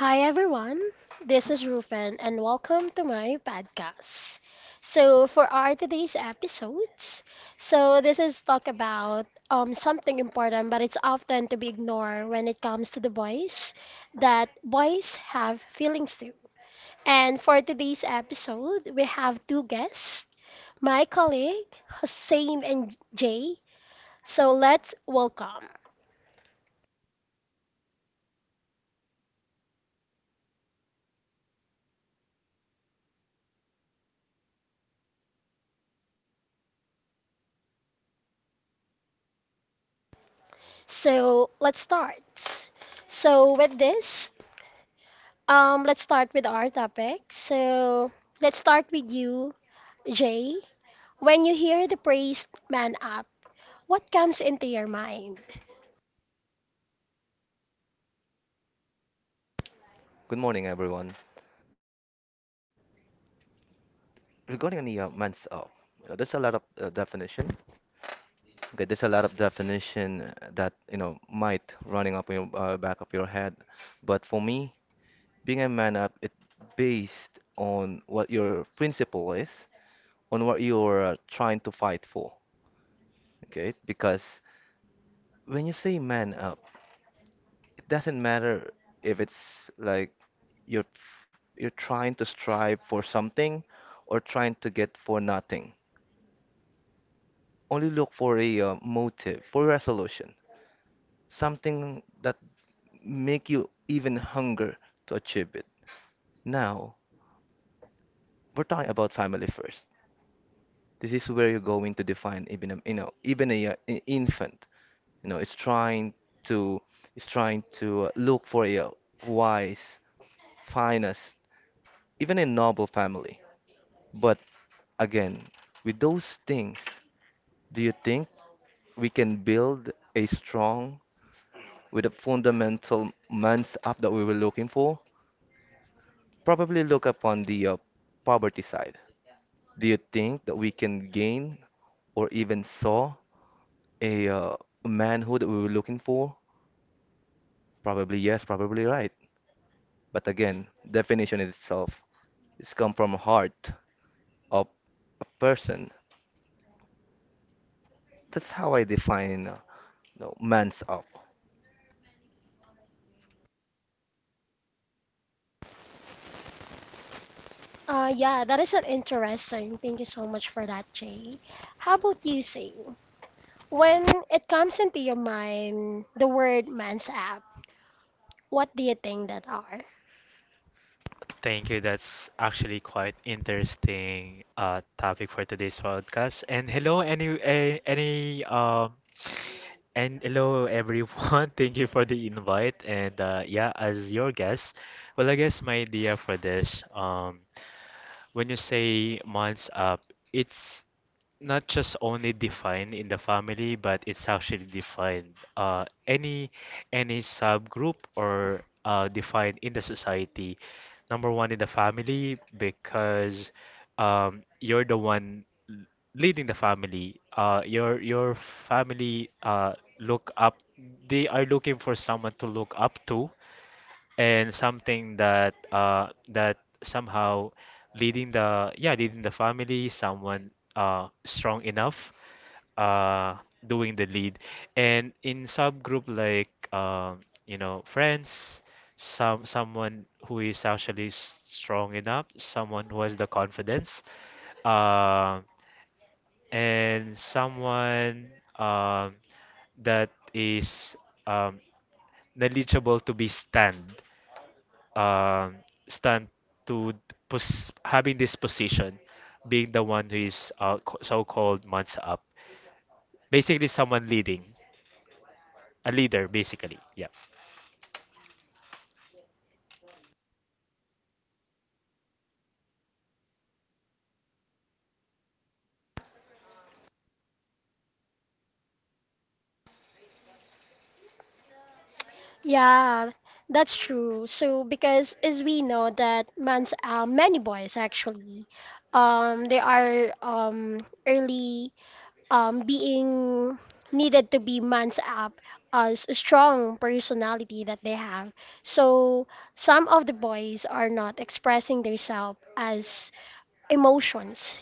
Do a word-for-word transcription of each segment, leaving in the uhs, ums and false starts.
Hi everyone, this is Rufen and welcome to my podcast. So for our today's episodes, so this is talk about um something important but it's often to be ignored when it comes to the boys, that boys have feelings too. And for today's episode, we have two guests, my colleague Hussein and Jay. So let's welcome. So let's start. So with this, Um, let's start with our topic. So let's start with you, Jay. When you hear the phrase "man up," what comes into your mind? Good morning, everyone. Regarding the uh, man's up, you know, there's a lot of uh, definition. Okay, there's a lot of definition uh, that you know might running up in your uh, back of your head, but for me, being a man up, it based on what your principle is, on what you're uh, trying to fight for. Okay, because when you say man up, it doesn't matter if it's like you're you're trying to strive for something or trying to get for nothing only look for a uh, motive, for resolution, something that make you even hunger to achieve it. Now, we're talking about family first. This is where you're going to define even a, you know even a, uh, i- infant. You know, it's trying to it's trying to uh, look for a uh, wise, finest, even a noble family. But again, with those things, do you think we can build a strong with the fundamental men's app that we were looking for, probably look upon the uh, poverty side. Do you think that we can gain or even saw a uh, manhood that we were looking for? Probably yes, probably right. But again, definition in itself it's come from heart of a person. That's how I define uh, you know, man's up. Uh, yeah, that is an interesting. Thank you so much for that, Jay. How about you, Sing? When it comes into your mind, the word "man's up," what do you think that are? Thank you. That's actually quite interesting uh topic for today's podcast. And hello any a- any um and hello everyone. Thank you for the invite. And uh yeah, as your guest, well I guess my idea for this um when you say months up, it's not just only defined in the family, but it's actually defined uh, any any subgroup or uh, defined in the society. Number one in the family because um, you're the one l- leading the family. Uh, your your family uh, look up. They are looking for someone to look up to and something that uh that somehow leading the yeah leading the family, someone uh strong enough, uh doing the lead. And in subgroup like um you know friends, some someone who is actually strong enough, someone who has the confidence, uh, and someone um that is um knowledgeable to be stand, um, stand to pos- having this position, being the one who is uh, co- so-called months up. Basically, someone leading, a leader, basically. Yeah. Yeah, that's true. So because as we know that man's uh, many boys actually, um, they are um early um being needed to be man's up as a strong personality that they have. So some of the boys are not expressing themselves as emotions,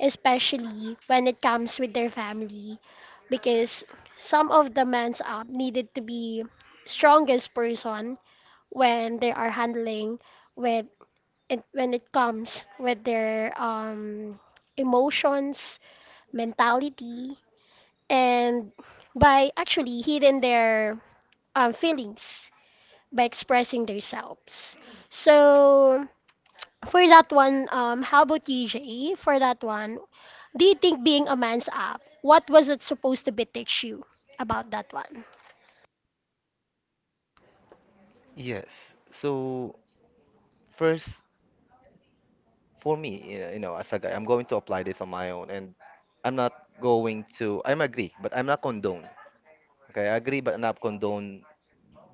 especially when it comes with their family, because some of the man's up needed to be strongest person when they are handling with it when it comes with their um emotions, mentality, and by actually hidden their um, feelings by expressing themselves. So for that one, um how about you, Jay? For that one, do you think being a man's up, what was it supposed to be teach you about that one? Yes. So first for me, uh, you know, as a guy, I'm going to apply this on my own, and I'm not going to. I'm agree, but I'm not condone. Okay, I agree, but not condone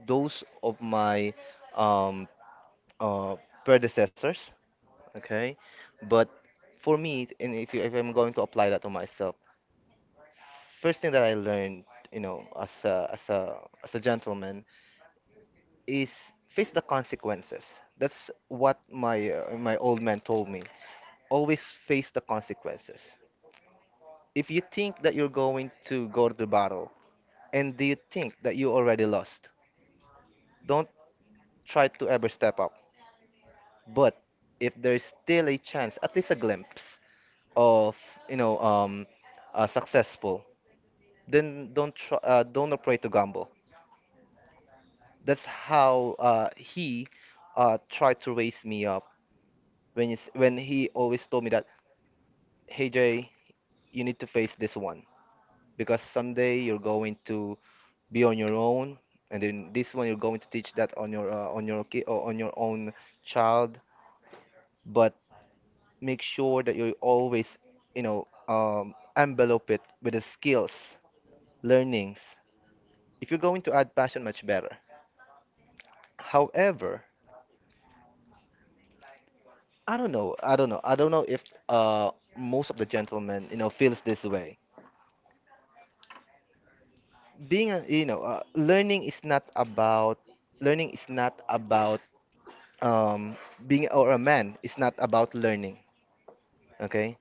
those of my um, uh, predecessors. Okay, but for me, and if you, if I'm going to apply that to myself, first thing that I learned, you know, as a, as a as a gentleman, is face the consequences. That's what my uh, my old man told me. Always face the consequences. If you think that you're going to go to the battle and do you think that you already lost, don't try to ever step up. But if there's still a chance, at least a glimpse of, you know, um, uh, successful, then don't try, uh, don't afraid to gamble. That's how uh, he uh, tried to raise me up when he's, when he always told me that, hey Jay, you need to face this one because someday you're going to be on your own, and then this one you're going to teach that on your uh, on your kid or on your own child. But make sure that you always you know um, envelope it with the skills, learnings. If you're going to add passion much better. However, i don't know i don't know I don't know if uh, most of the gentlemen you know feels this way. Being a, you know uh, learning is not about learning is not about um, being or a man is not about learning. Okay.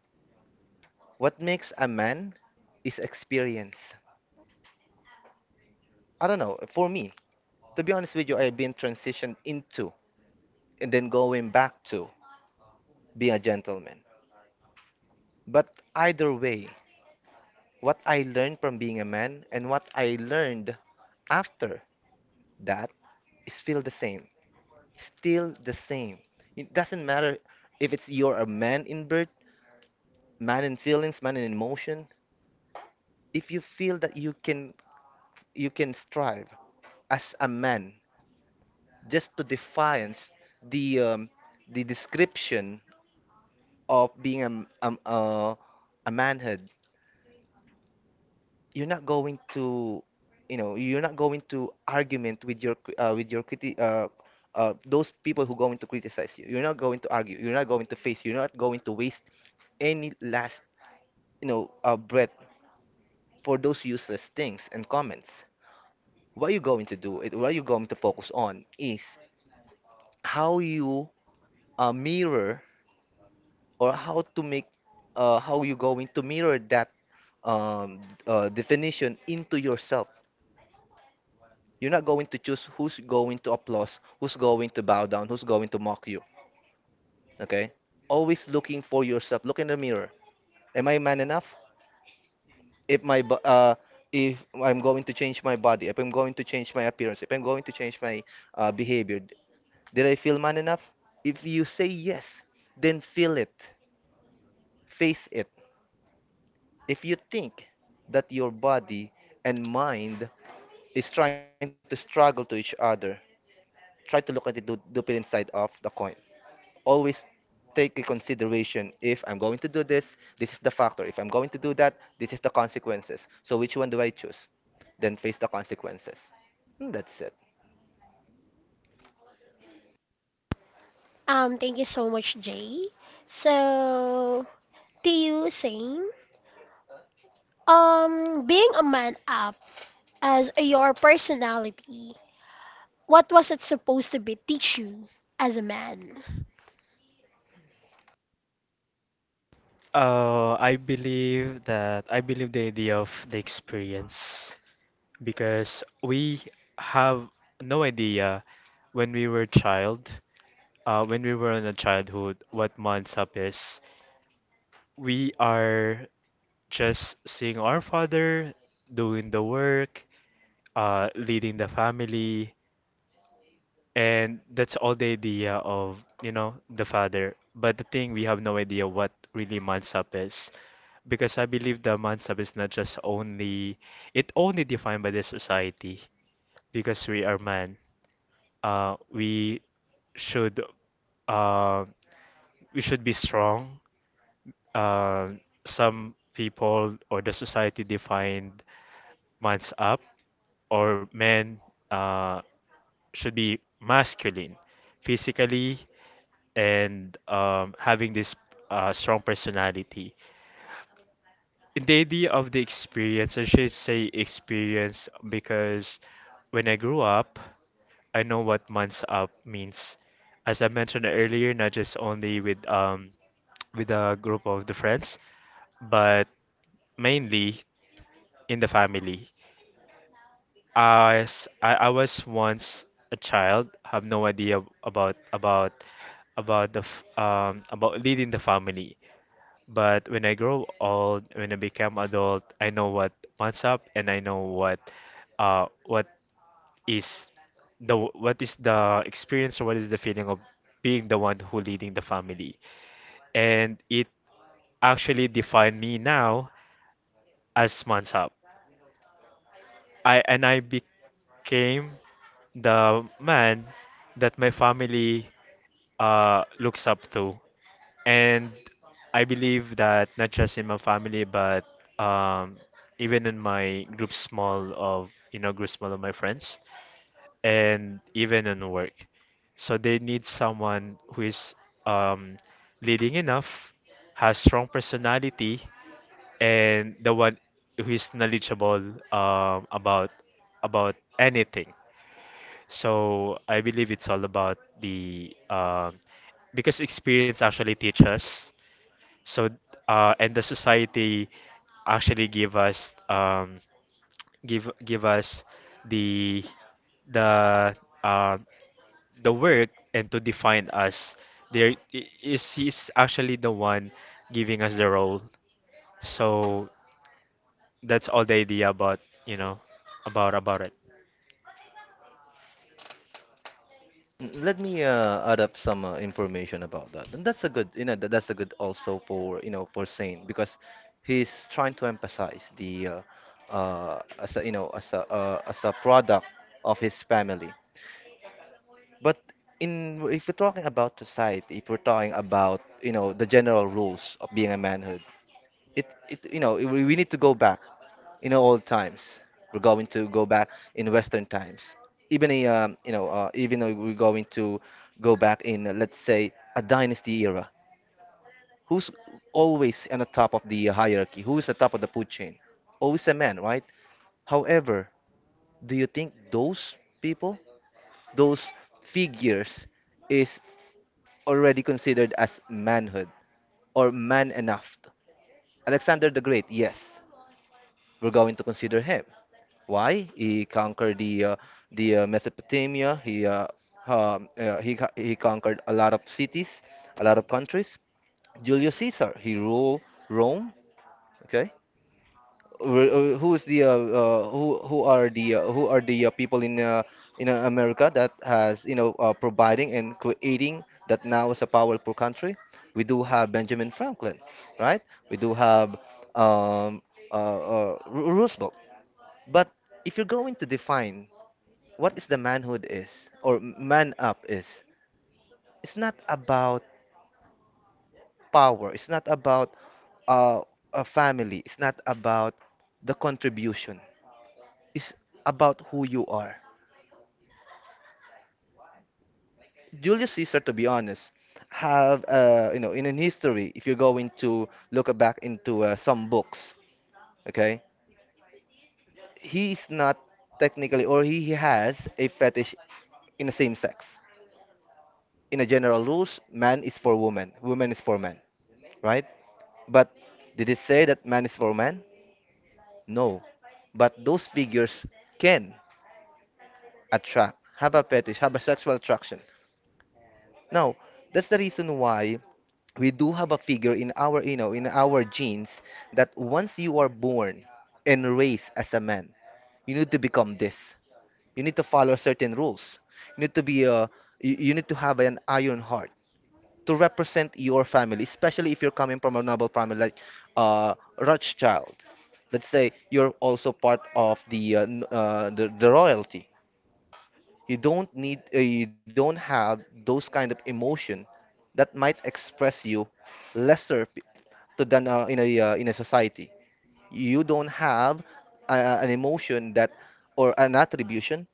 What makes a man is experience. I don't know, for me, to be honest with you, I've been transitioned into and then going back to being a gentleman. But either way, what I learned from being a man and what I learned after that is still the same. Still the same. It doesn't matter if it's you're a man in birth, man in feelings, man in emotion. If you feel that you can you can strive as a man just to defiance the um, the description of being a, m- um, uh, a manhood. You're not going to, you know, you're not going to argument with your cri- uh, with your criti uh, uh, those people who going to criticize you. You're not going to argue. You're not going to face. You're not going to waste any last, you know, uh, breath for those useless things and comments. What you going to do? It, what you going to focus on is how you uh, mirror or how to make uh, how you going to mirror that um, uh, definition into yourself. You're not going to choose who's going to applaud, who's going to bow down, who's going to mock you. Okay? Always looking for yourself. Look in the mirror. Am I man enough? If my bo- uh, if I'm going to change my body, if I'm going to change my appearance, if I'm going to change my uh, behavior, did I feel man enough? If you say yes, then feel it, face it. If you think that your body and mind is trying to struggle to each other, try to look at it do, do it inside of the coin. Always take a consideration, if I'm going to do this, this is the factor. If I'm going to do that, this is the consequences. So which one do I choose? Then face the consequences. And that's it. Um, thank you so much, Jay. So, to you, same. Um, being a man up as your personality, what was it supposed to be teach you as a man? Uh, I believe that I believe the idea of the experience, because we have no idea when we were child, uh, when we were in a childhood, what months up is. We are just seeing our father doing the work, uh, leading the family, and that's all the idea of, you know, the father. But the thing, we have no idea what really mansap is, because I believe the mansap is not just only, it only defined by the society, because we are man. Uh, we should, uh, we should be strong. Uh, some people or the society defined man's up or men. Uh, should be masculine, physically, and um, having this uh, strong personality. In the idea of the experience, I should say experience because when I grew up, I know what months up means. As I mentioned earlier, not just only with um with a group of the friends, but mainly in the family. I, s- I- I was once a child, have no idea about about about the f- um about leading the family. But when I grow old, when I become adult, I know what what's up, and I know what uh what is the, what is the experience or what is the feeling of being the one who leading the family. And it actually defined me now as Mansap. I and I became the man that my family uh, looks up to. And I believe that not just in my family, but um, even in my group small of, you know, group small of my friends, and even in work. So they need someone who is, um, leading enough, has strong personality, and the one who is knowledgeable um, about about anything. So I believe it's all about the um, because experience actually teaches. So uh, and the society actually give us um, give give us the the uh, the work and to define us. There I- is he's actually the one giving us the role. So that's all the idea about you know about about it. Mm, let me uh, add up some uh, information about that. And that's a good, you know, tha- that's a good also for, you know, for Saint, because he's trying to emphasize the uh, uh, as a, you know, as a uh, as a product of his family. But in if we're talking about society, if we're talking about, you know, the general rules of being a manhood, it, it you know we we need to go back in old times. We're going to go back in western times. Even a, um, you know uh, even though we're going to go back in uh, let's say a dynasty era. Who's always on the top of the hierarchy, who is the top of the food chain? Always a man, right? However, do you think those people, those figures is already considered as manhood or man enough? Alexander the Great, yes, we're going to consider him. Why? He conquered the uh, the uh, Mesopotamia. He uh, um, uh, he co- he conquered a lot of cities, a lot of countries. Julius Caesar, he ruled Rome. Okay. Wh- uh, Who is the uh, uh, who who are the uh, who are the uh, people in uh, in uh, America that has you know uh, providing and creating that now is a powerful country? We do have Benjamin Franklin, right? We do have um, uh, uh, Ro- Roosevelt. But if you're going to define what is the manhood is or man up is, it's not about power, it's not about uh, a family, it's not about the contribution, it's about who you are. Julius Caesar, to be honest, have uh, you know in an history, if you're going to look back into uh, some books, okay, he's not technically, or he he has a fetish in the same sex. In a general rules, man is for woman, woman is for man, right? But did it say that man is for man? No. But those figures can attract, have a fetish, have a sexual attraction. Now, that's the reason why we do have a figure in our, you know, in our genes that once you are born and raised as a man, you need to become this. You need to follow certain rules. You need to be a, you, you need to have an iron heart to represent your family, especially if you're coming from a noble family like uh, Rothschild. Let's say you're also part of the, uh, n- uh, the the royalty. You don't need uh, you don't have those kind of emotion that might express you lesser p- to than uh, in a uh, in a society. You don't have a, a- an emotion that or an attribution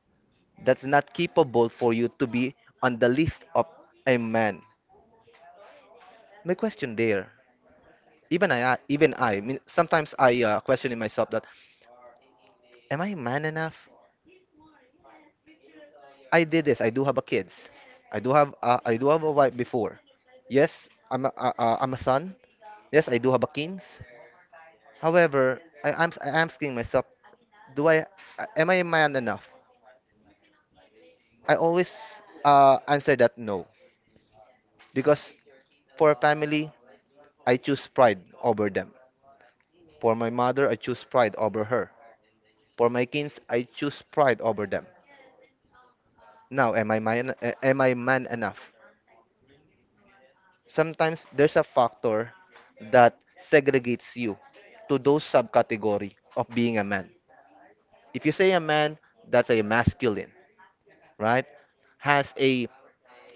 that's not capable for you to be on the list of a man. My question there, Even I, I- even I, mean, sometimes I uh, questioning myself that, am I man enough? I did this. I do have a kids. I do have, uh, I do have a wife before. Yes, I'm a, uh, uh, I'm a son. Yes, I do have a kins. However, I, I'm, I'm asking myself, do I, am I man enough? I always uh, answer that no, because for a family, I choose pride over them. For my mother, I choose pride over her. For my kids, I choose pride over them. Now, am I man, eh, am I man enough? Sometimes there's a factor that segregates you to those subcategory of being a man. If you say a man, that's a masculine, right? Has a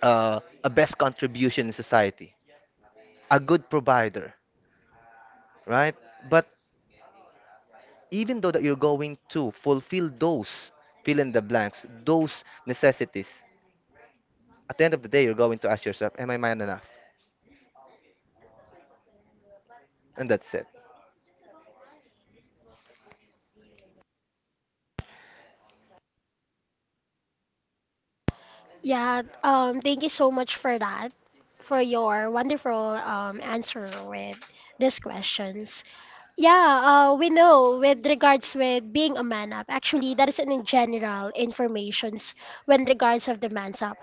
uh, a best contribution in society, a good provider, right? But even though that you're going to fulfill those fill in the blanks, those necessities, at the end of the day, you're going to ask yourself, am I man enough? And that's it. Yeah, um, thank you so much for that, for your wonderful um, answer with these questions. Yeah, uh, we know with regards with being a man up, actually that is in general informations when regards of the man's up.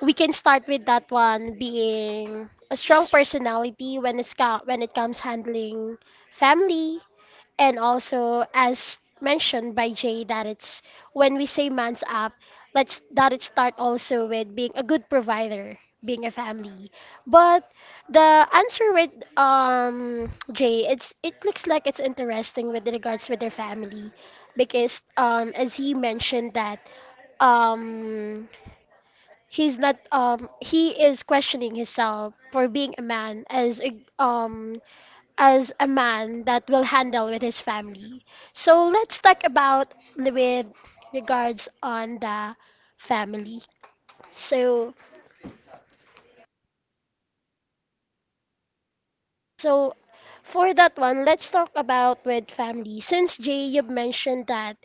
We can start with that one being a strong personality when it's co- when it comes handling family, and also, as mentioned by Jay, that it's when we say man's up, let's that it start also with being a good provider, being a family. But the answer with um Jay, it's it looks like it's interesting with regards with their family, because um as he mentioned that um he's not um he is questioning himself for being a man as a um as a man that will handle with his family. So let's talk about the- with regards on the family. So so for that one, let's talk about with family. Since Jay, you've mentioned that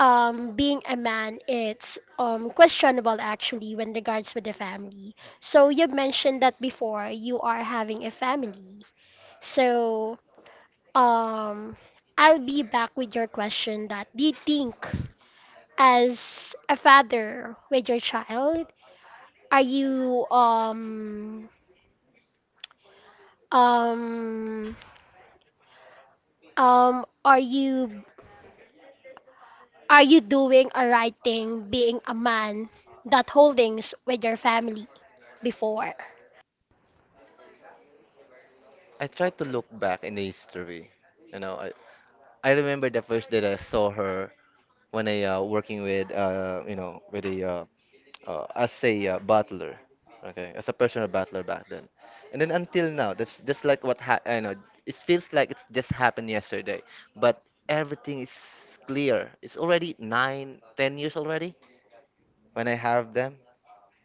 um being a man it's um questionable actually when regards with the family. So you've mentioned that before you are having a family. So um I'll be back with your question that do you think as a father with your child, are you um um um are you are you doing a right thing being a man that holdings with your family before? I try to look back in the history. You know, I, I remember the first day that I saw her when I uh, working with uh, you know with a uh, uh, as a uh, butler, okay, as a personal butler back then, and then until now, that's just like what ha- I know. It feels like it's just happened yesterday, but everything is clear. It's already nine, ten years already when I have them,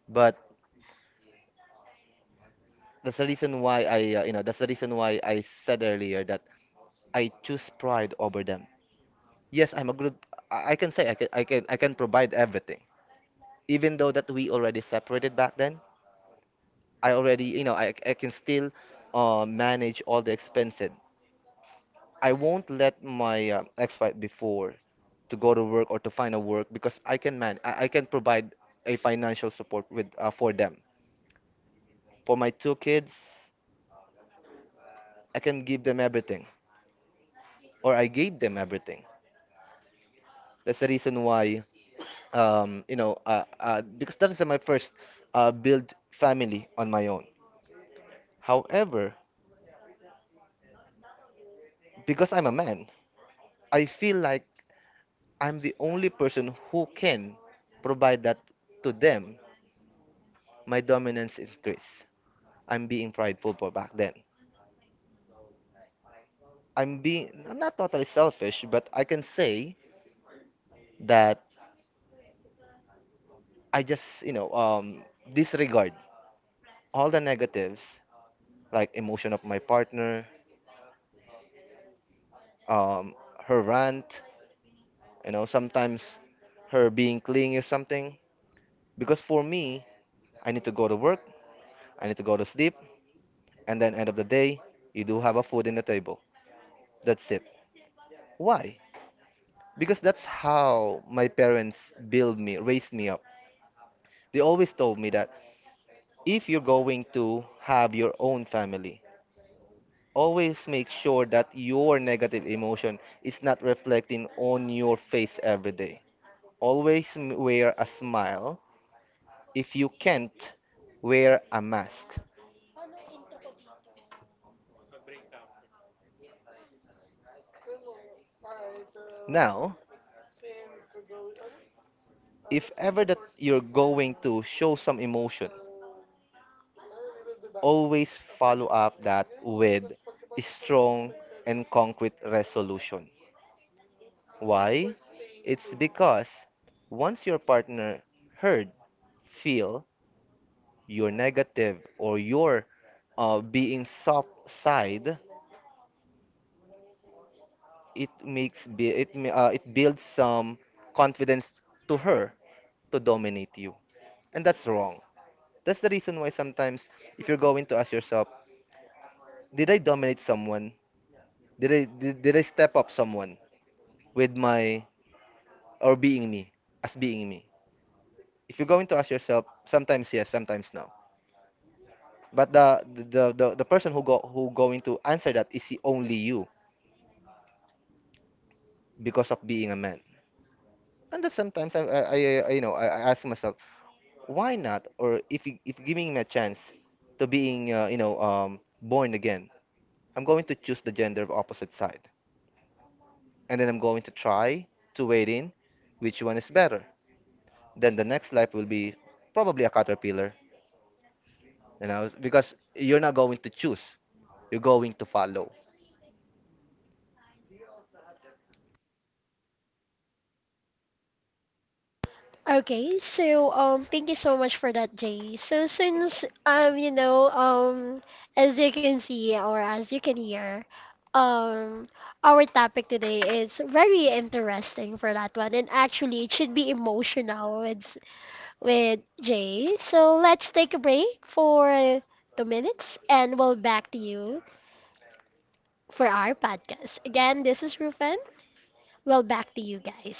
but that's the reason why I uh, you know that's the reason why I said earlier that I choose pride over them. Yes, I'm a good. I I can say, I can I can I can provide everything. Even though that we already separated back then, I already you know I I can still uh, manage all the expenses. I won't let my uh, ex-wife before to go to work or to find a work, because I can man I, I can provide a financial support with uh, for them. For my two kids, I can give them everything, or I gave them everything. That's the reason why, um you know uh, uh because that is my first uh, build family on my own. However, because I'm a man, I feel like I'm the only person who can provide that to them. My dominance increase. I'm being prideful for back then. I'm being I'm not totally selfish, but I can say that I just, you know um, disregard all the negatives, like emotion of my partner, um, her rant, you know sometimes her being clingy or something. Because for me, I need to go to work, I need to go to sleep, and then end of the day you do have a food in the table. That's it. Why? Because that's how my parents build me raised me up. They always told me that if you're going to have your own family, always make sure that your negative emotion is not reflecting on your face every day. Always m- wear a smile. If you can't, wear a mask. Now, if ever that you're going to show some emotion, always follow up that with strong and concrete resolution. Why? It's because once your partner heard, feel your negative or your uh, being soft side, it makes be it ma- uh, it builds some confidence to her to dominate you, and that's wrong. That's the reason why sometimes, if you're going to ask yourself, did I dominate someone? Did I did, did I step up someone? With my or being me as being me, if you're going to ask yourself, sometimes yes, sometimes no. But the the the, the person who go who going to answer that is he only you, because of being a man. And that sometimes, I, I, I I- you know I, I ask myself, why not? Or if you- if giving me a chance to being, uh, you know um, born again, I'm going to choose the gender of opposite side, and then I'm going to try to wait in which one is better. Then the next life will be probably a caterpillar. You know, because you're not going to choose, you're going to follow. Okay, so um thank you so much for that, Jay. So since um you know um as you can see or as you can hear, um our topic today is very interesting for that one and actually it should be emotional with with Jay. So let's take a break for two minutes and we'll back to you for our podcast. Again, this is Rufen. Well back to you guys.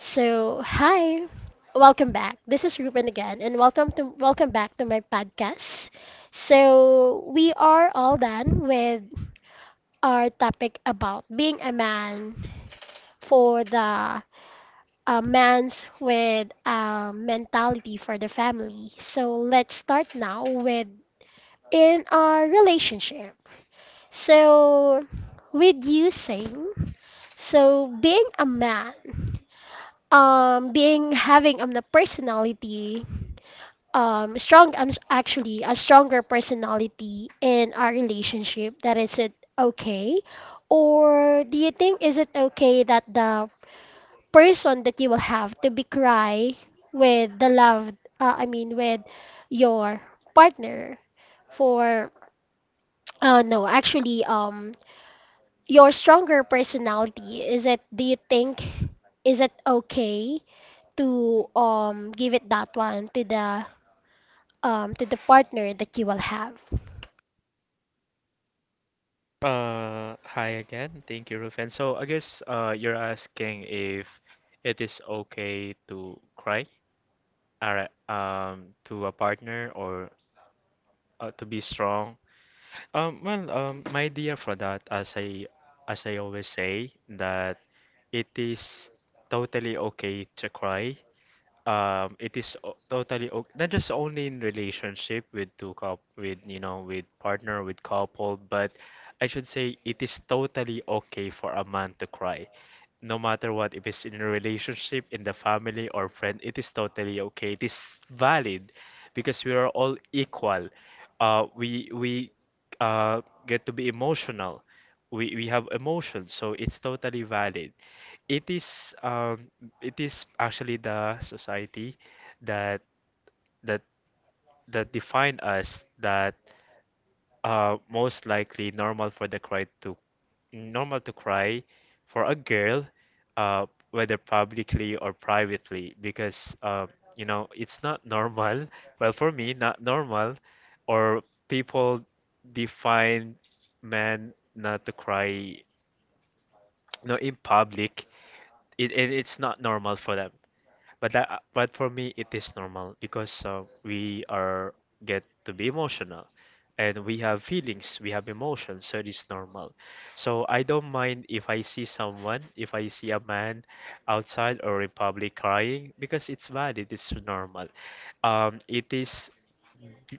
So, hi. Welcome back. This is Ruben again and welcome to welcome back to my podcast. So, we are all done with our topic about being a man for the uh, man's with uh, mentality for the family. So, let's start now with in our relationship. So, with you saying, so being a man um being having um the personality um strong I'm s- actually a stronger personality in our relationship, that is it okay or do you think is it okay that the person that you will have to be cry with the love, uh, I mean with your partner for uh no actually um your stronger personality is it, do you think is it okay to um give it that one to the um to the partner that you will have? Uh, hi again. Thank you, Rufen. So I guess uh, you're asking if it is okay to cry, alright, um, to a partner or uh, to be strong. Um, well, um, my idea for that, as I as I always say, that it is totally okay to cry, um it is o- totally okay. Not just only in relationship with two couple with you know with partner with couple, but I should say it is totally okay for a man to cry. No matter what, if it's in a relationship, in the family or friend, it is totally okay. It is valid because we are all equal. Uh, we we uh, get to be emotional. We we have emotions, so it's totally valid. It is um it is actually the society that that that define us, that uh most likely normal for the cry to, normal to cry for a girl, uh whether publicly or privately, because uh you know it's not normal. Well, for me, not normal, or people define men not to cry, no, in public. It, it it's not normal for them. But that, uh, but for me, it is normal because uh, we are get to be emotional, and we have feelings, we have emotions, so it is normal. So I don't mind if I see someone, if I see a man outside or in public crying, because it's valid, it's normal. Um, it is,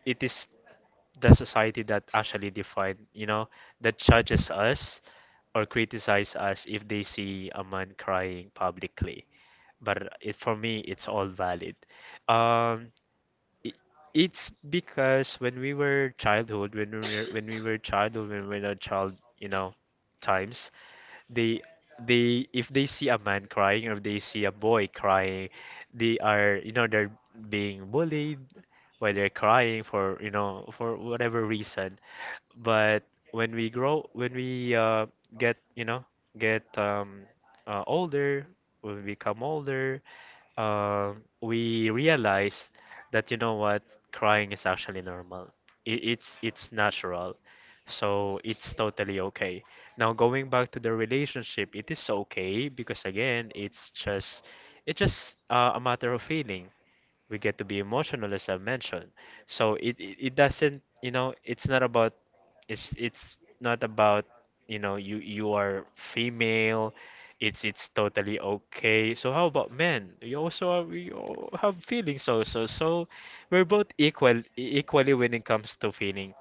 it is the society that actually define, you know, that judges us or criticize us if they see a man crying publicly, but it, for me, it's all valid. Um, i- it's because when we were childhood, when we were when we were childhood, when we were a child, you know, times they they, if they see a man crying or if they see a boy crying, they are, you know, they're being bullied while they're crying for, you know, for whatever reason. But when we grow, when we uh, get you know get um, uh, older, when we become older, um, we realized that you know what, crying is actually normal. It, it's it's natural, so it's totally okay. Now going back to the relationship, it is okay because again, it's just it's just uh, a matter of feeling. We get to be emotional, as I mentioned. So it, it it doesn't, you know, it's not about, it's it's not about, you know, you, you are female, it's it's totally okay. So how about men? You also are, we all have feelings also, so we're both equal, equally when it comes to feeling,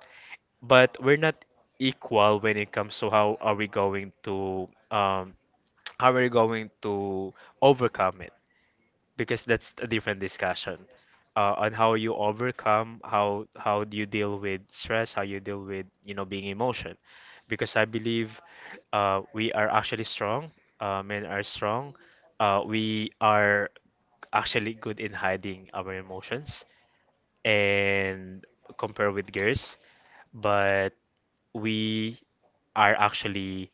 but we're not equal when it comes to how are we going to um how are we going to overcome it, because that's a different discussion uh, on how you overcome, how how do you deal with stress, how you deal with, you know, being emotion. Because I believe uh, we are actually strong uh, men are strong. Uh, we are actually good in hiding our emotions, and compare with girls. But we are actually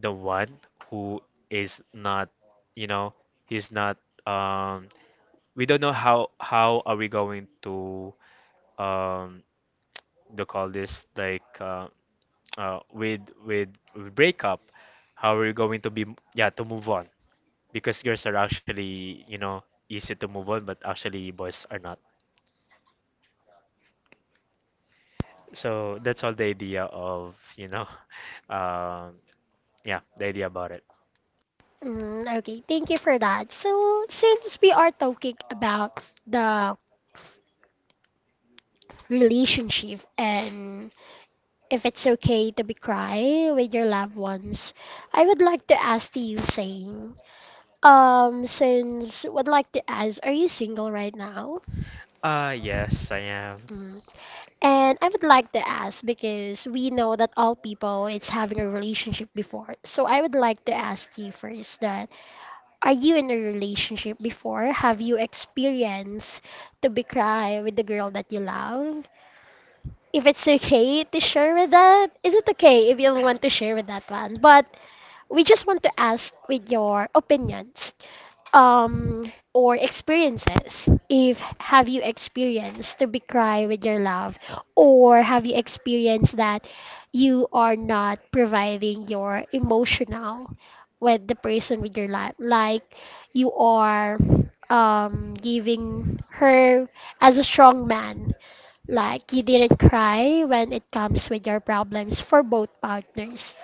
the one who is not, you know, he's not um we don't know how, how are we going to um to call this, like, uh, uh with with with breakup, how are we going to be, yeah, to move on, because girls are actually, you know, easy to move on, but actually boys are not. So that's all the idea of, you know, um yeah the idea about it. Mm, okay, thank you for that. So, since we are talking about the relationship and if it's okay to be cry with your loved ones, I would like to ask to you, saying, um, since would like to ask, are you single right now? Uh, yes, I am. Mm. And I would like to ask because we know that all people it's having a relationship before. So I would like to ask you first that, are you in a relationship before? Have you experienced to be cry with the girl that you love? If it's okay to share with that, is it okay if you want to share with that one? But we just want to ask with your opinions um or experiences, if have you experienced to be cry with your love or have you experienced that you are not providing your emotional with the person with your life, like you are um giving her as a strong man, like you didn't cry when it comes with your problems for both partners.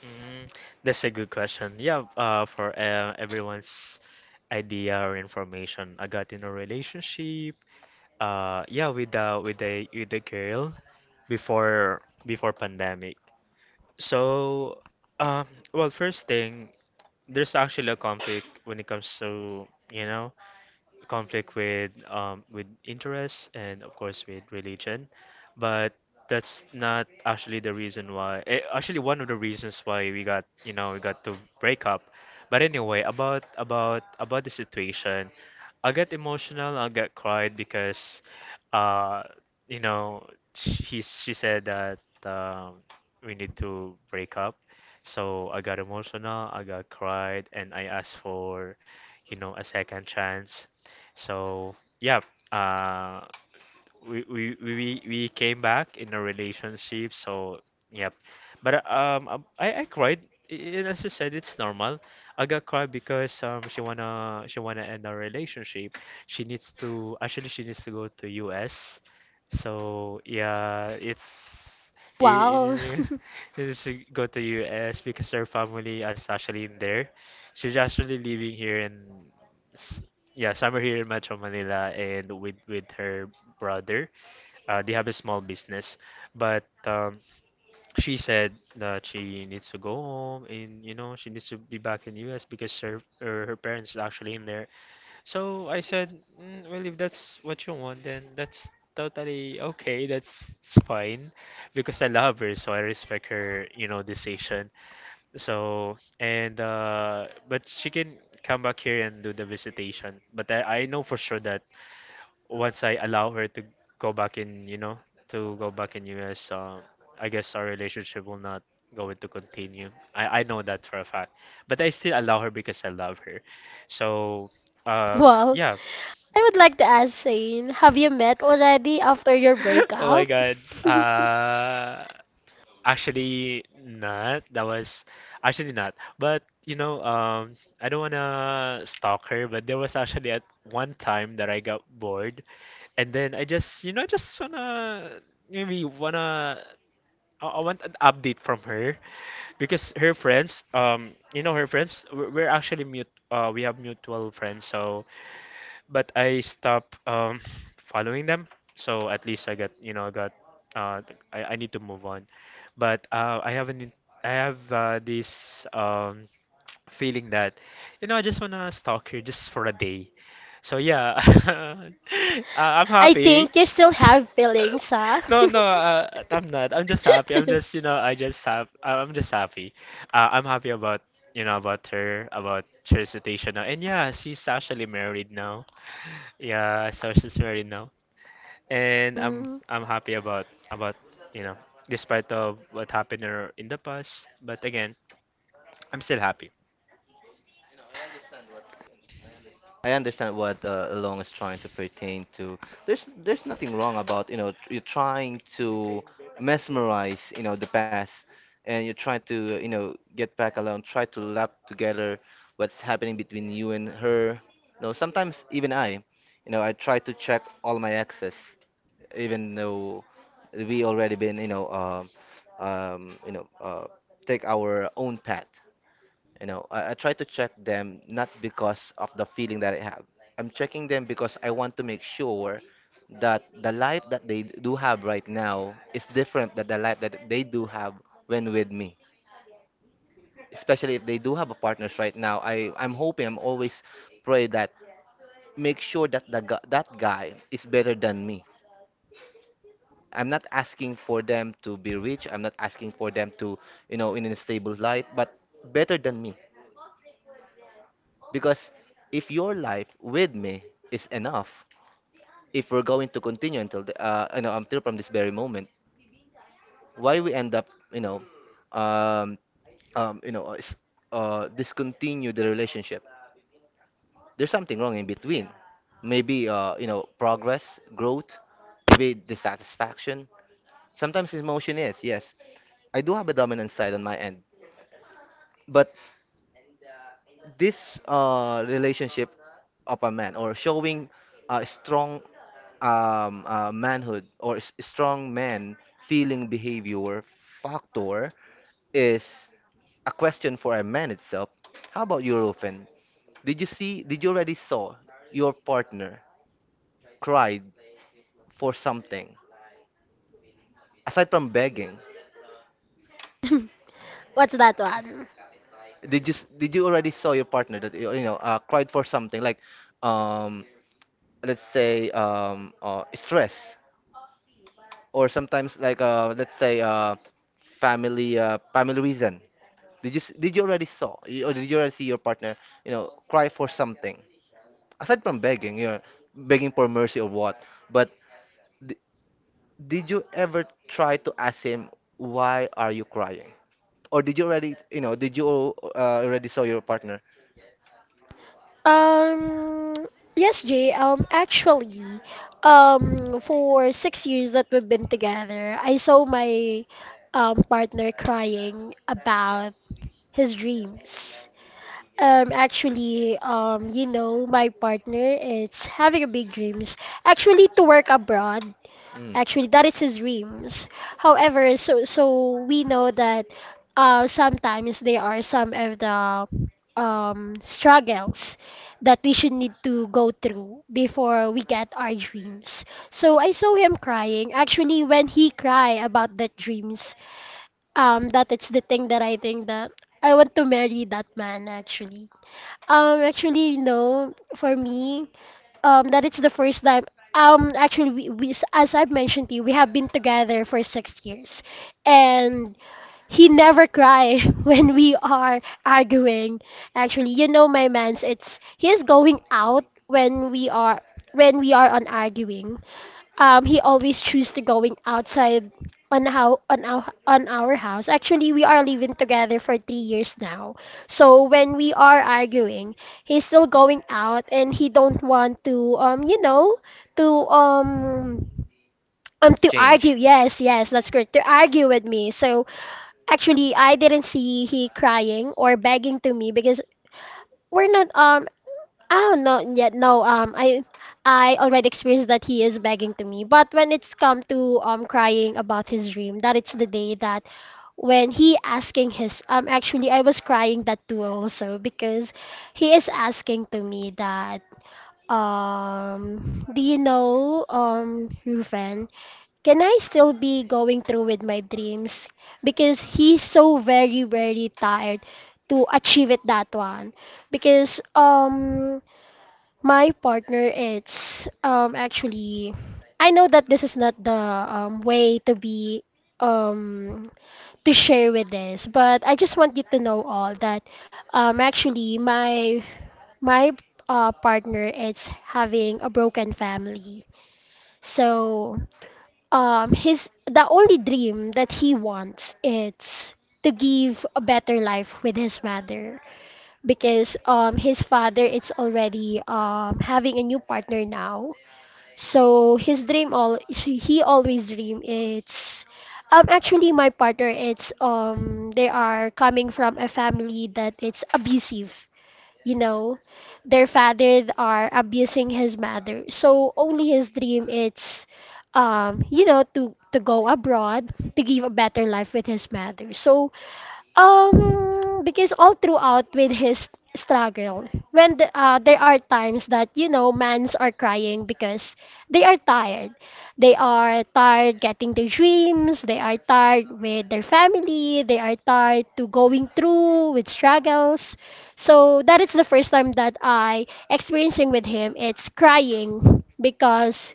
Mm, that's a good question. Yeah, uh for uh, everyone's idea or information, I got in a relationship. Uh, yeah, with the with the with the girl before, before pandemic. So, um, well, first thing, there's actually a conflict when it comes to, you know, conflict with um, with interests and of course with religion, but that's not actually the reason why. eh, Actually, one of the reasons why we got you know we got to break up. But anyway, about about about the situation, I got emotional. I got cried because, uh, you know, she she said that, um, we need to break up. So I got emotional. I got cried, and I asked for, you know, a second chance. So yeah, uh, we, we we we came back in a relationship. So yep, but um, um, I I cried. And as I said, it's normal. I got cried because um she wanna she wanna end our relationship. She needs to actually she needs to go to U S. So yeah, it's. Wow. It, it, she go to U S because her family is actually in there. She's actually living here in, yeah, summer here in Metro Manila, and with with her brother. Uh, they have a small business, but um, she said that she needs to go home and, you know, she needs to be back in U S because her her, her parents is actually in there. So I said, mm, well, if that's what you want, then that's totally okay. That's It's fine because I love her, so I respect her, you know, decision. So and uh but she can come back here and do the visitation. But I, I know for sure that once I allow her to go back in, you know, to go back in U S, um I guess our relationship will not going to continue. I, I know that for a fact. But I still allow her because I love her. So um Wow. yeah. I would like to ask Zane, have you met already after your Oh my breakup? God. Uh, actually, not. That was actually not. But you know, um, I don't wanna stalk her, but there was actually at one time that I got bored, and then I just, you know, I just wanna, maybe wanna I, I want an update from her because her friends, um, you know, her friends, we're, we're actually mute. Uh, we have mutual friends, so but I stopped um, following them. So at least I got, you know, I got, uh, th- I, I need to move on. But uh, I have an, in- I have uh, this um, feeling that, you know, I just wanna stalk her just for a day. So yeah, uh, I'm I happy. think you still have feelings, huh? No, no, uh, I'm not. I'm just happy. I'm just, you know, I just have, uh, I'm just happy. Uh, I'm happy about, you know, about her, about her situation now. And yeah, she's actually married now. Yeah, sources already know, and I'm Mm. I'm happy about about you know, despite of what happened or in the past. But again, I'm still happy. I understand what uh, Long is trying to pertain to. There's there's nothing wrong about, you know tr- you're trying to mesmerize you know the past, and you're trying to, you know get back alone, try to lap together what's happening between you and her. You know, sometimes even I, you know, I try to check all my exes, even though we already been, you know um um, you know uh, take our own path. You know, I, I try to check them not because of the feeling that I have. I'm checking them because I want to make sure that the life that they do have right now is different than the life that they do have when with me. Especially if they do have a partners right now, I I'm hoping, I'm always pray that make sure that the gu- that guy is better than me. I'm not asking for them to be rich. I'm not asking for them to, you know in a stable life, but better than me. Because if your life with me is enough, if we're going to continue until the, uh, you know until from this very moment, why we end up, you know um, um, you know uh, s- uh, discontinue the relationship? There's something wrong in between. Maybe, uh, you know progress, growth, maybe dissatisfaction. Sometimes emotion is, yes. I do have a dominant side on my end, but this uh, relationship of a man, or showing a strong um, uh, manhood or s- strong man feeling behavior factor, is a question for a man itself. How about you, Rufen? Did you see? Did you already saw your partner cried for something aside from begging? What's that one? Did you s- did you already saw your partner that you you know uh, cried for something like um, let's say um, uh, stress, or sometimes like uh, let's say uh, family uh, family reason? Did you s- did you already saw, or did you already see your partner, you know, cry for something aside from begging, you know, begging for mercy or what? But d- did you ever try to ask him, why are you crying? Or did you already, you know, did you uh, already saw your partner? Um, yes, Jay. Um, actually, um, for six years that we've been together, I saw my um partner crying about his dreams. Um, actually, um, you know, my partner is having a big dreams. Actually, to work abroad. Mm. Actually, that is his dreams. However, so so we know that uh, sometimes there are some of the um, struggles that we should need to go through before we get our dreams. So I saw him crying. Actually, when he cry about the dreams, um, that it's the thing that I think that I want to marry that man. Actually, um, actually, you know, for me um that it's the first time um actually we, we as I've mentioned to you, we have been together for six years and he never cry when we are arguing. Actually, you know, my man's it's he's going out when we are when we are on arguing. um he always choose to going outside on how on our on our house. Actually, we are living together for three years now. So when we are arguing, he's still going out and he don't want to um you know, to um um to Change. argue. Yes, yes, that's correct, to argue with me. So actually I didn't see he crying or begging to me because we're not um Oh no, yet no. Um, I I already experienced that he is begging to me. But when it's come to um crying about his dream, that it's the day that when he asking his um actually I was crying that too also, because he is asking to me that, um do you know um Rufen, can I still be going through with my dreams? Because he's so very very tired to achieve it that one. Because um my partner it's um actually, I know that this is not the um way to be um to share with this, but I just want you to know all that um actually my my uh, partner is having a broken family. So um his the only dream that he wants is to give a better life with his mother, because um his father is already um having a new partner now. So his dream, all he always dream it's um actually my partner it's um they are coming from a family that it's abusive, you know. Their father are abusing his mother. So only his dream it's um you know, to to go abroad to give a better life with his mother. So um, because all throughout with his struggle, when the, uh, there are times that you know mans are crying because they are tired. They are tired getting their dreams. They are tired with their family. They are tired to going through with struggles. So that is the first time that I experiencing with him. It's crying because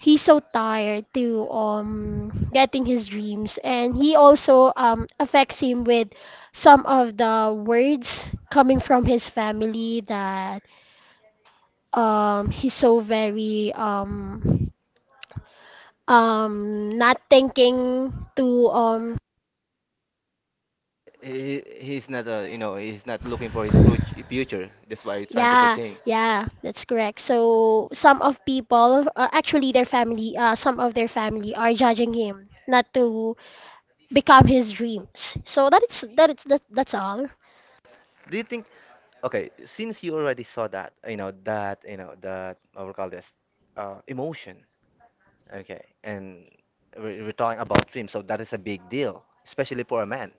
he's so tired to um getting his dreams and he also um affects him with some of the words coming from his family that um he's so very um um not thinking to um He, he's not, uh, you know, he's not looking for his fru- future. That's why he's trying to yeah, pretend. yeah, that's correct. So some of people, uh, actually their family, uh some of their family are judging him not to become his dreams. So that is that is that, that's all. Do you think, okay, since you already saw that, you know, that, you know, that, I will call this, uh, emotion, okay, and we- we're talking about dreams, so that is a big deal, especially for a man.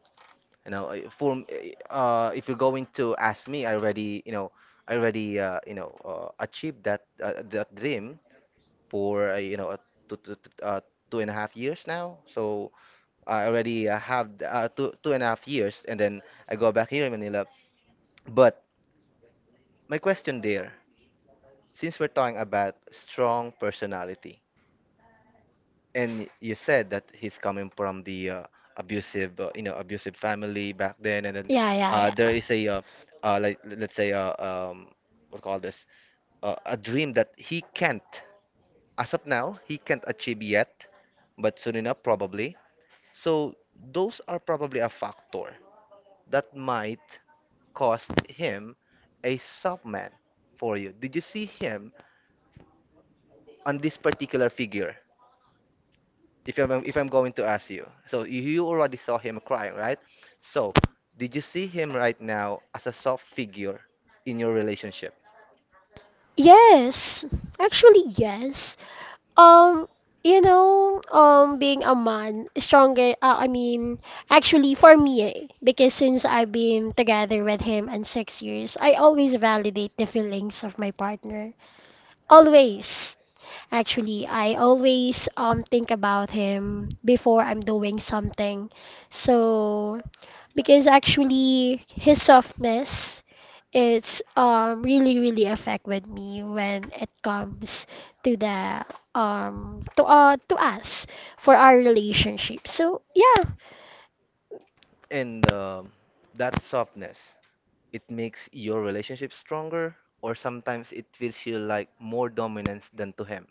You know, uh, for, m- uh, if you're going to ask me, I already, you know, I already, uh, you know, uh, achieved that, uh, that dream for, uh, you know, uh, two, two, two- uh, two and a half years now. So I already, uh, have uh, two, two and a half years, and then I go back here in Manila. But my question there. Since we're talking about strong personality, and you said that he's coming from the uh, abusive, uh, you know, abusive family back then, and then Yeah, uh, yeah, yeah. there is a, uh, uh, like let's say, uh, um, what call this, uh, a dream that he can't, as of now, he can't achieve yet, but soon enough, probably. So those are probably a factor that might cost him a soft man for you. Did you see him on this particular figure? if I'm if I'm going to ask you, so you already saw him crying, right? So did you see him right now as a soft figure in your relationship? Yes. Actually, yes. Um, you know, um, being a man, stronger, uh, I mean, actually for me, eh, because since I've been together with him and six years, I always validate the feelings of my partner. Always. Actually, I always um think about him before I'm doing something. So, because actually his softness it's um really really affect with me when it comes to the um to uh to us for our relationship. So yeah, And um, that softness, it makes your relationship stronger, or sometimes it feels you like more dominance than to him.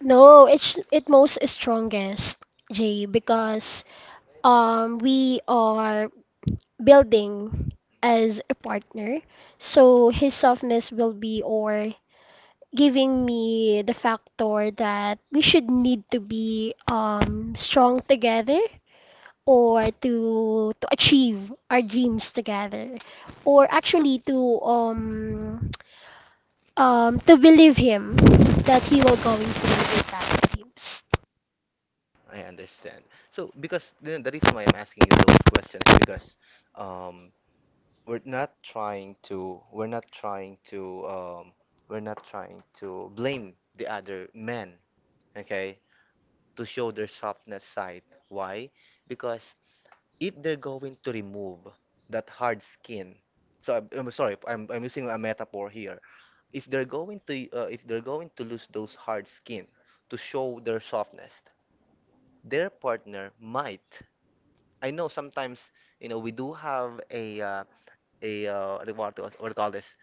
no, it's it most is strongest, Jay, because um we are building as a partner. So his softness will be or giving me the factor that we should need to be um strong together or to to achieve our dreams together or actually to um um to believe him that he will going through with that dreams. I understand. So, because the, the reason why I'm asking you those questions, because um, we're not trying to we're not trying to um, we're not trying to blame the other men, okay, to show their softness side. Why? Because if they're going to remove that hard skin, so I'm, I'm sorry, I'm, I'm using a metaphor here. If they're going to uh, if they're going to lose those hard skin to show their softness, their partner might. I know sometimes, you know we do have a uh, a uh, what do you call this?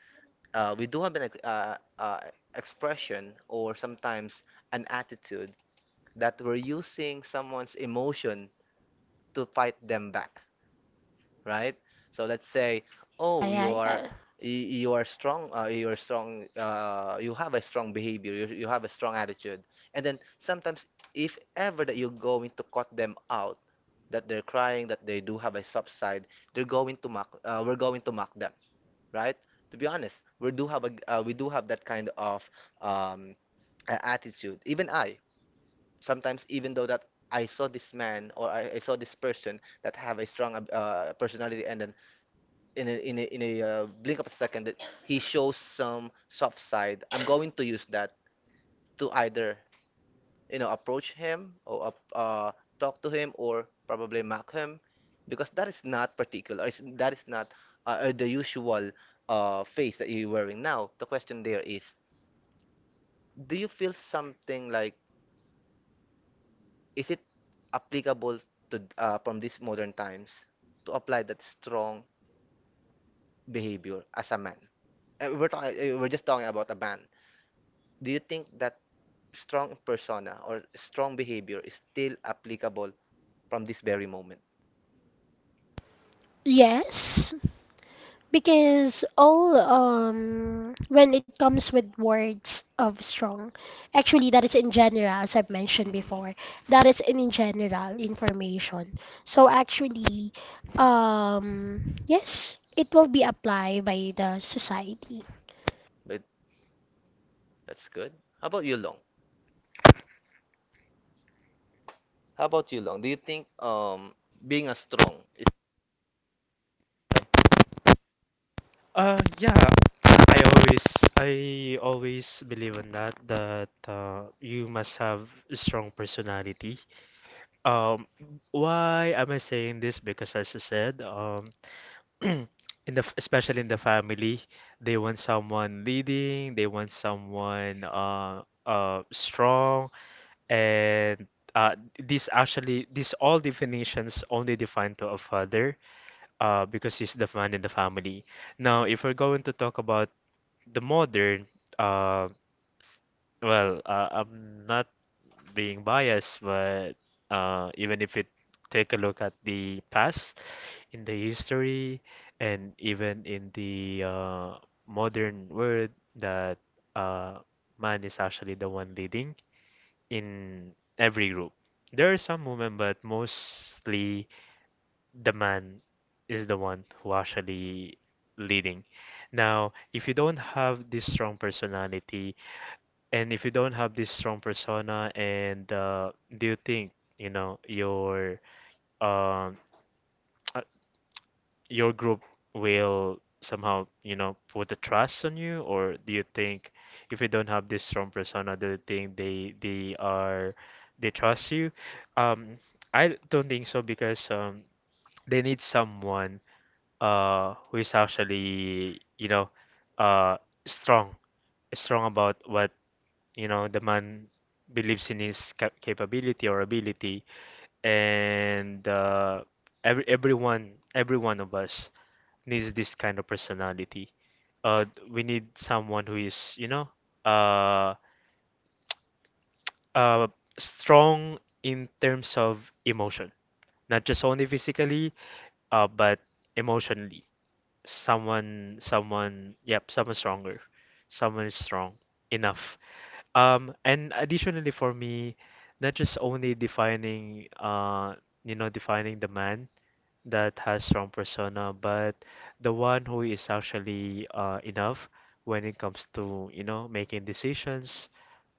Uh, we do have an ex- uh, uh, expression, or sometimes an attitude that we're using someone's emotion to fight them back, right? So let's say, oh, you Yeah, yeah, are yeah. y- you are strong, uh, you are strong, uh, you have a strong behavior, you, you have a strong attitude, and then sometimes if ever that you're going to cut them out, that they're crying, that they do have a soft side, they're going to mock, uh, we're going to mock them, right? To be honest, we do have a, uh, we do have that kind of um, a- attitude. Even I, sometimes even though that I saw this man, or I, I saw this person that have a strong ab- uh, personality, and then in a, in a, in a uh, blink of a second that he shows some soft side, I'm going to use that to either, you know approach him, or ap- uh, talk to him, or probably mock him, because that is not particular it's, that is not uh, uh, the usual uh, face that you're wearing now. The question there is, do you feel something like is it applicable, to uh, from these modern times, to apply that strong behavior as a man? Uh, we're talking, we're just talking about a man. Do you think that strong persona or strong behavior is still applicable from this very moment? Yes. Because all um when it comes with words of strong, actually that is in general, as I've mentioned Hmm. before, that is in general information. So actually, um yes, it will be applied by the society. But that's good. How about you, Long? How about you, Long? Do you think um being a strong is. Uh, yeah, I always I always believe in that that uh, you must have a strong personality. Um, why am I saying this? Because as I said, um, in the f- especially in the family, they want someone leading, they want someone uh uh strong, and uh, this actually these all definitions only define to a father uh, because he's the man in the family. Now if we're going to talk about the modern, uh, well uh, I'm not being biased but uh, even if it take a look at the past in the history and even in the uh, modern world, that uh, man is actually the one leading in every group. There are some women, but mostly the man is the one who actually leading. Now, if you don't have this strong personality, and if you don't have this strong persona, and uh, do you think, you know, your um your group will somehow, you know, put the trust on you, or do you think if you don't have this strong persona, do you think they they are they trust you? Um, I don't think so, because um they need someone uh who is actually, you know, uh strong. Strong about what? You know, the man believes in his cap capability or ability, and uh every everyone every one of us needs this kind of personality. Uh, we need someone who is, you know, uh, uh, strong in terms of emotion, not just only physically, uh, but emotionally. Someone, someone, yep, someone stronger. Someone is strong enough. Um, and additionally for me, not just only defining, uh, you know, defining the man that has strong persona, but the one who is actually uh, enough when it comes to, you know, making decisions,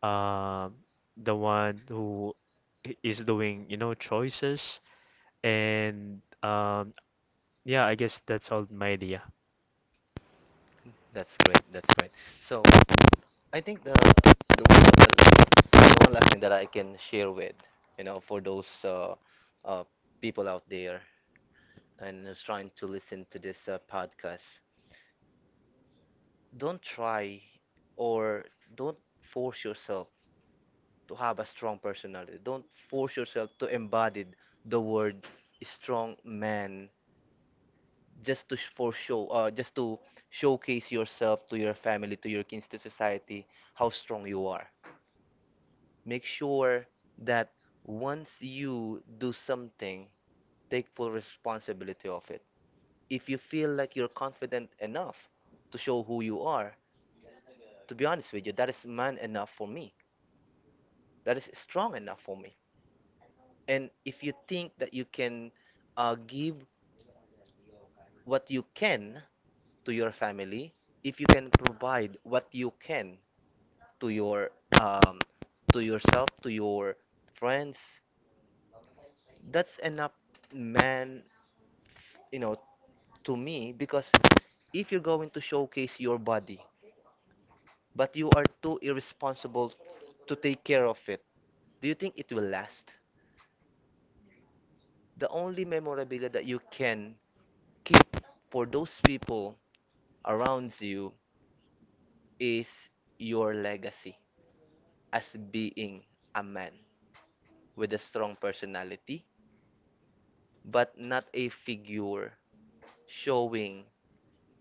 um, the one who i- is doing, you know, choices, and um, yeah, I guess that's all my idea. That's great. That's great. So I think the the one, the, one last thing that I can share with, you know, for those uh, uh, people out there and who's trying to listen to this uh, podcast, don't try, or don't force yourself to have a strong personality. Don't force yourself to embody the word strong man, just to sh- for show, uh, just to showcase yourself to your family, to your kids, to society, how strong you are. Make sure that once you do something, take full responsibility of it. If you feel like you're confident enough to show who you are, to be honest with you, that is man enough for me. That is strong enough for me. And if you think that you can, uh, give what you can to your family, if you can provide what you can to your, um, to yourself, to your friends, that's enough man, you know to me, because if you're going to showcase your body, but you are too irresponsible to take care of it, do you think it will last? The only memorabilia that you can keep for those people around you is your legacy as being a man with a strong personality, but not a figure showing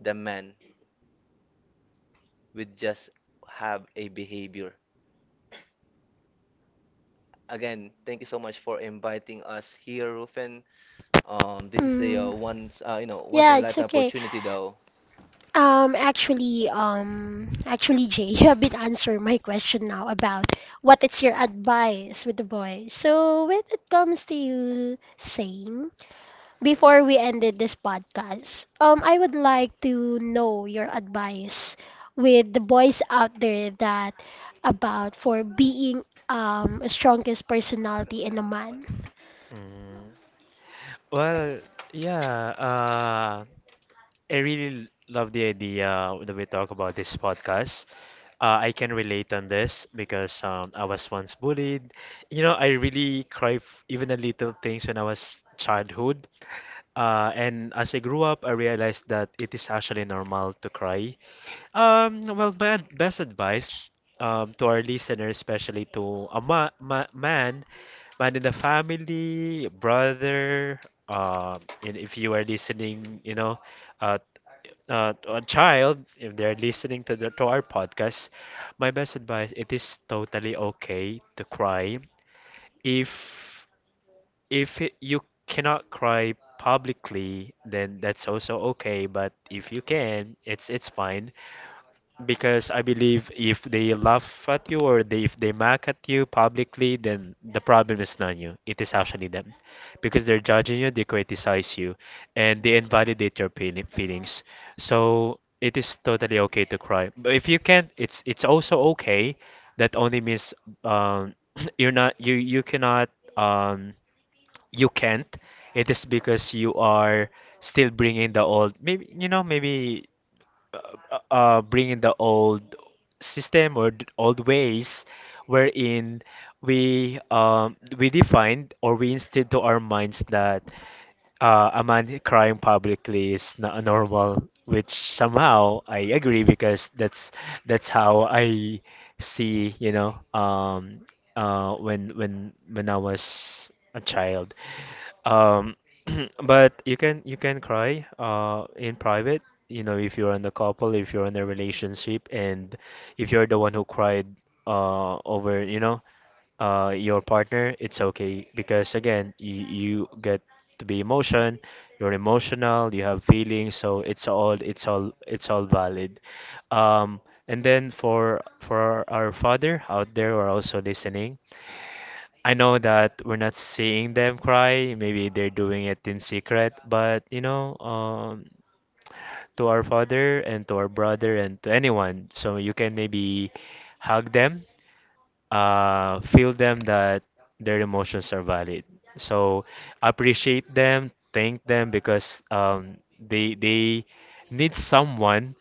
the man with just have a behavior. Again, thank you so much for inviting us here, Rufen. Um, this is a uh, Mm, once uh, you know once yeah, in a it's lifetime okay. opportunity though Um, actually, um, actually, Jay, you have been answering my question now about what is your advice with the boys. So when it comes to you saying, before we ended this podcast, um, I would like to know your advice with the boys out there that about for being um strongest personality in a man. Mm, well, yeah, uh, I really love the idea that we talk about this podcast. Uh, I can relate on this because um, I was once bullied. You know, I really cry f even the little things when I was childhood. Uh, and as I grew up, I realized that it is actually normal to cry. Um, well, my ad- best advice, um, to our listeners, especially to a ma ma man, man in the family, brother, um, and if you are listening, you know, uh, uh, to a child, if they're listening to the, to our podcast, my best advice, it is totally okay to cry. If if it, You cannot cry publicly, then that's also okay, but if you can, it's it's fine. Because I believe if they laugh at you or they, if they mock at you publicly, then the problem is not you. It is actually them. Because they're judging you, they criticize you, and they invalidate your feeli- feelings. So it is totally okay to cry. But if you can't, it's it's also okay. That only means um, you're not you you cannot um, you can't. It is because you are still bringing the old. Maybe you know maybe uh, uh, bringing the old system or the old ways wherein we um, we defined or we instilled to our minds that uh, a man crying publicly is not normal, which somehow I agree because that's that's how I see, you know, um, uh, when when when I was a child. Um, but you can you can cry uh, in private, you know, if you're in a couple, if you're in a relationship, and if you're the one who cried uh, over, you know, uh, your partner, it's okay because again, you, you get to be emotion, you're emotional, you have feelings, so it's all it's all it's all valid. Um, and then for for our father out there who are also listening, I know that we're not seeing them cry. Maybe they're doing it in secret, but you know, um, to our father and to our brother and to anyone, so you can maybe hug them, uh, feel them that their emotions are valid. So appreciate them, thank them because um, they they need someone.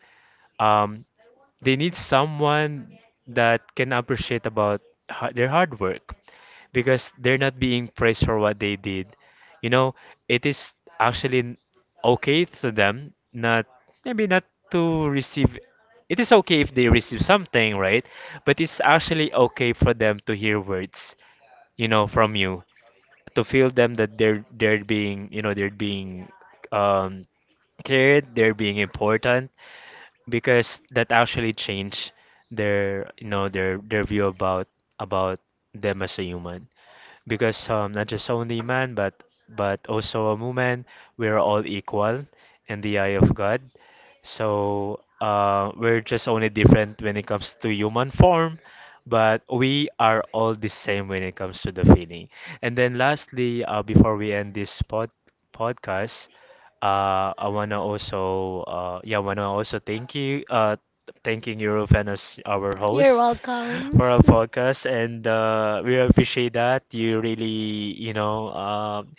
Um, they need someone that can appreciate about ha- their hard work because they're not being praised for what they did. You know, it is actually n- okay to them not maybe not to receive. It is okay if they receive something, right? But it's actually okay for them to hear words, you know, from you to feel them that they're they're being, you know, they're being um cared, they're being important, because that actually changed their, you know, their their view about about them as a human, because um, not just only man, but but also a woman, we're all equal in the eye of God. So uh, we're just only different when it comes to human form, but we are all the same when it comes to the feeling. And then lastly, uh, before we end this pod podcast, uh, I wanna also uh, yeah, I wanna also thank you uh, thanking Eurofan as our You're host welcome. for our podcast, and uh, we appreciate that you really, you know, um,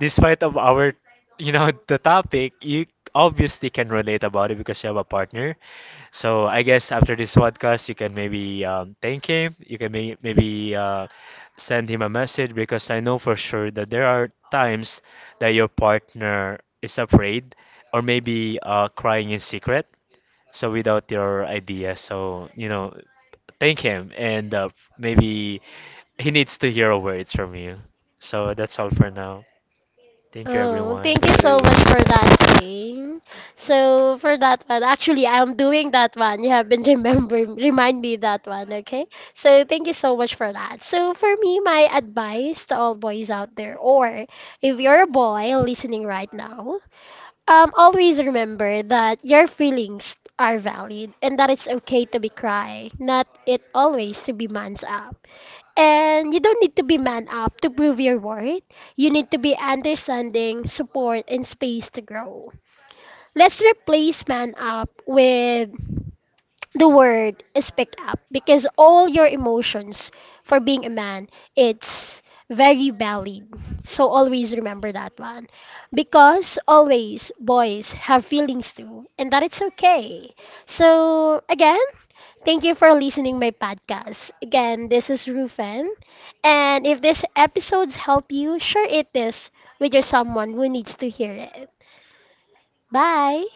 despite of our, you know, the topic, you obviously can relate about it because you have a partner. So I guess after this podcast, you can maybe um, thank him. You can may maybe uh, send him a message because I know for sure that there are times that your partner is afraid or maybe uh, crying in secret. So without your idea, so you know, thank him, and uh, maybe he needs to hear words from you. So that's all for now. Thank you, Oh, everyone. thank you so much that for that saying. So for that one, actually, I'm doing that one. You haven't remember remind me that one, okay? So thank you so much for that. So for me, my advice to all boys out there, or if you're a boy listening right now, um, always remember that your feelings are valid and that it's okay to be cry, not it always to be man's up. And you don't need to be man up to prove your worth. You need to be understanding, support, and space to grow. Let's replace man up with the word speak up, because all your emotions for being a man, it's very valid. So always remember that one. Because always boys have feelings too, and that it's okay. So again, thank you for listening my podcast. Again, this is Rufen. And if this episodes help you, share it this with your someone who needs to hear it. Bye.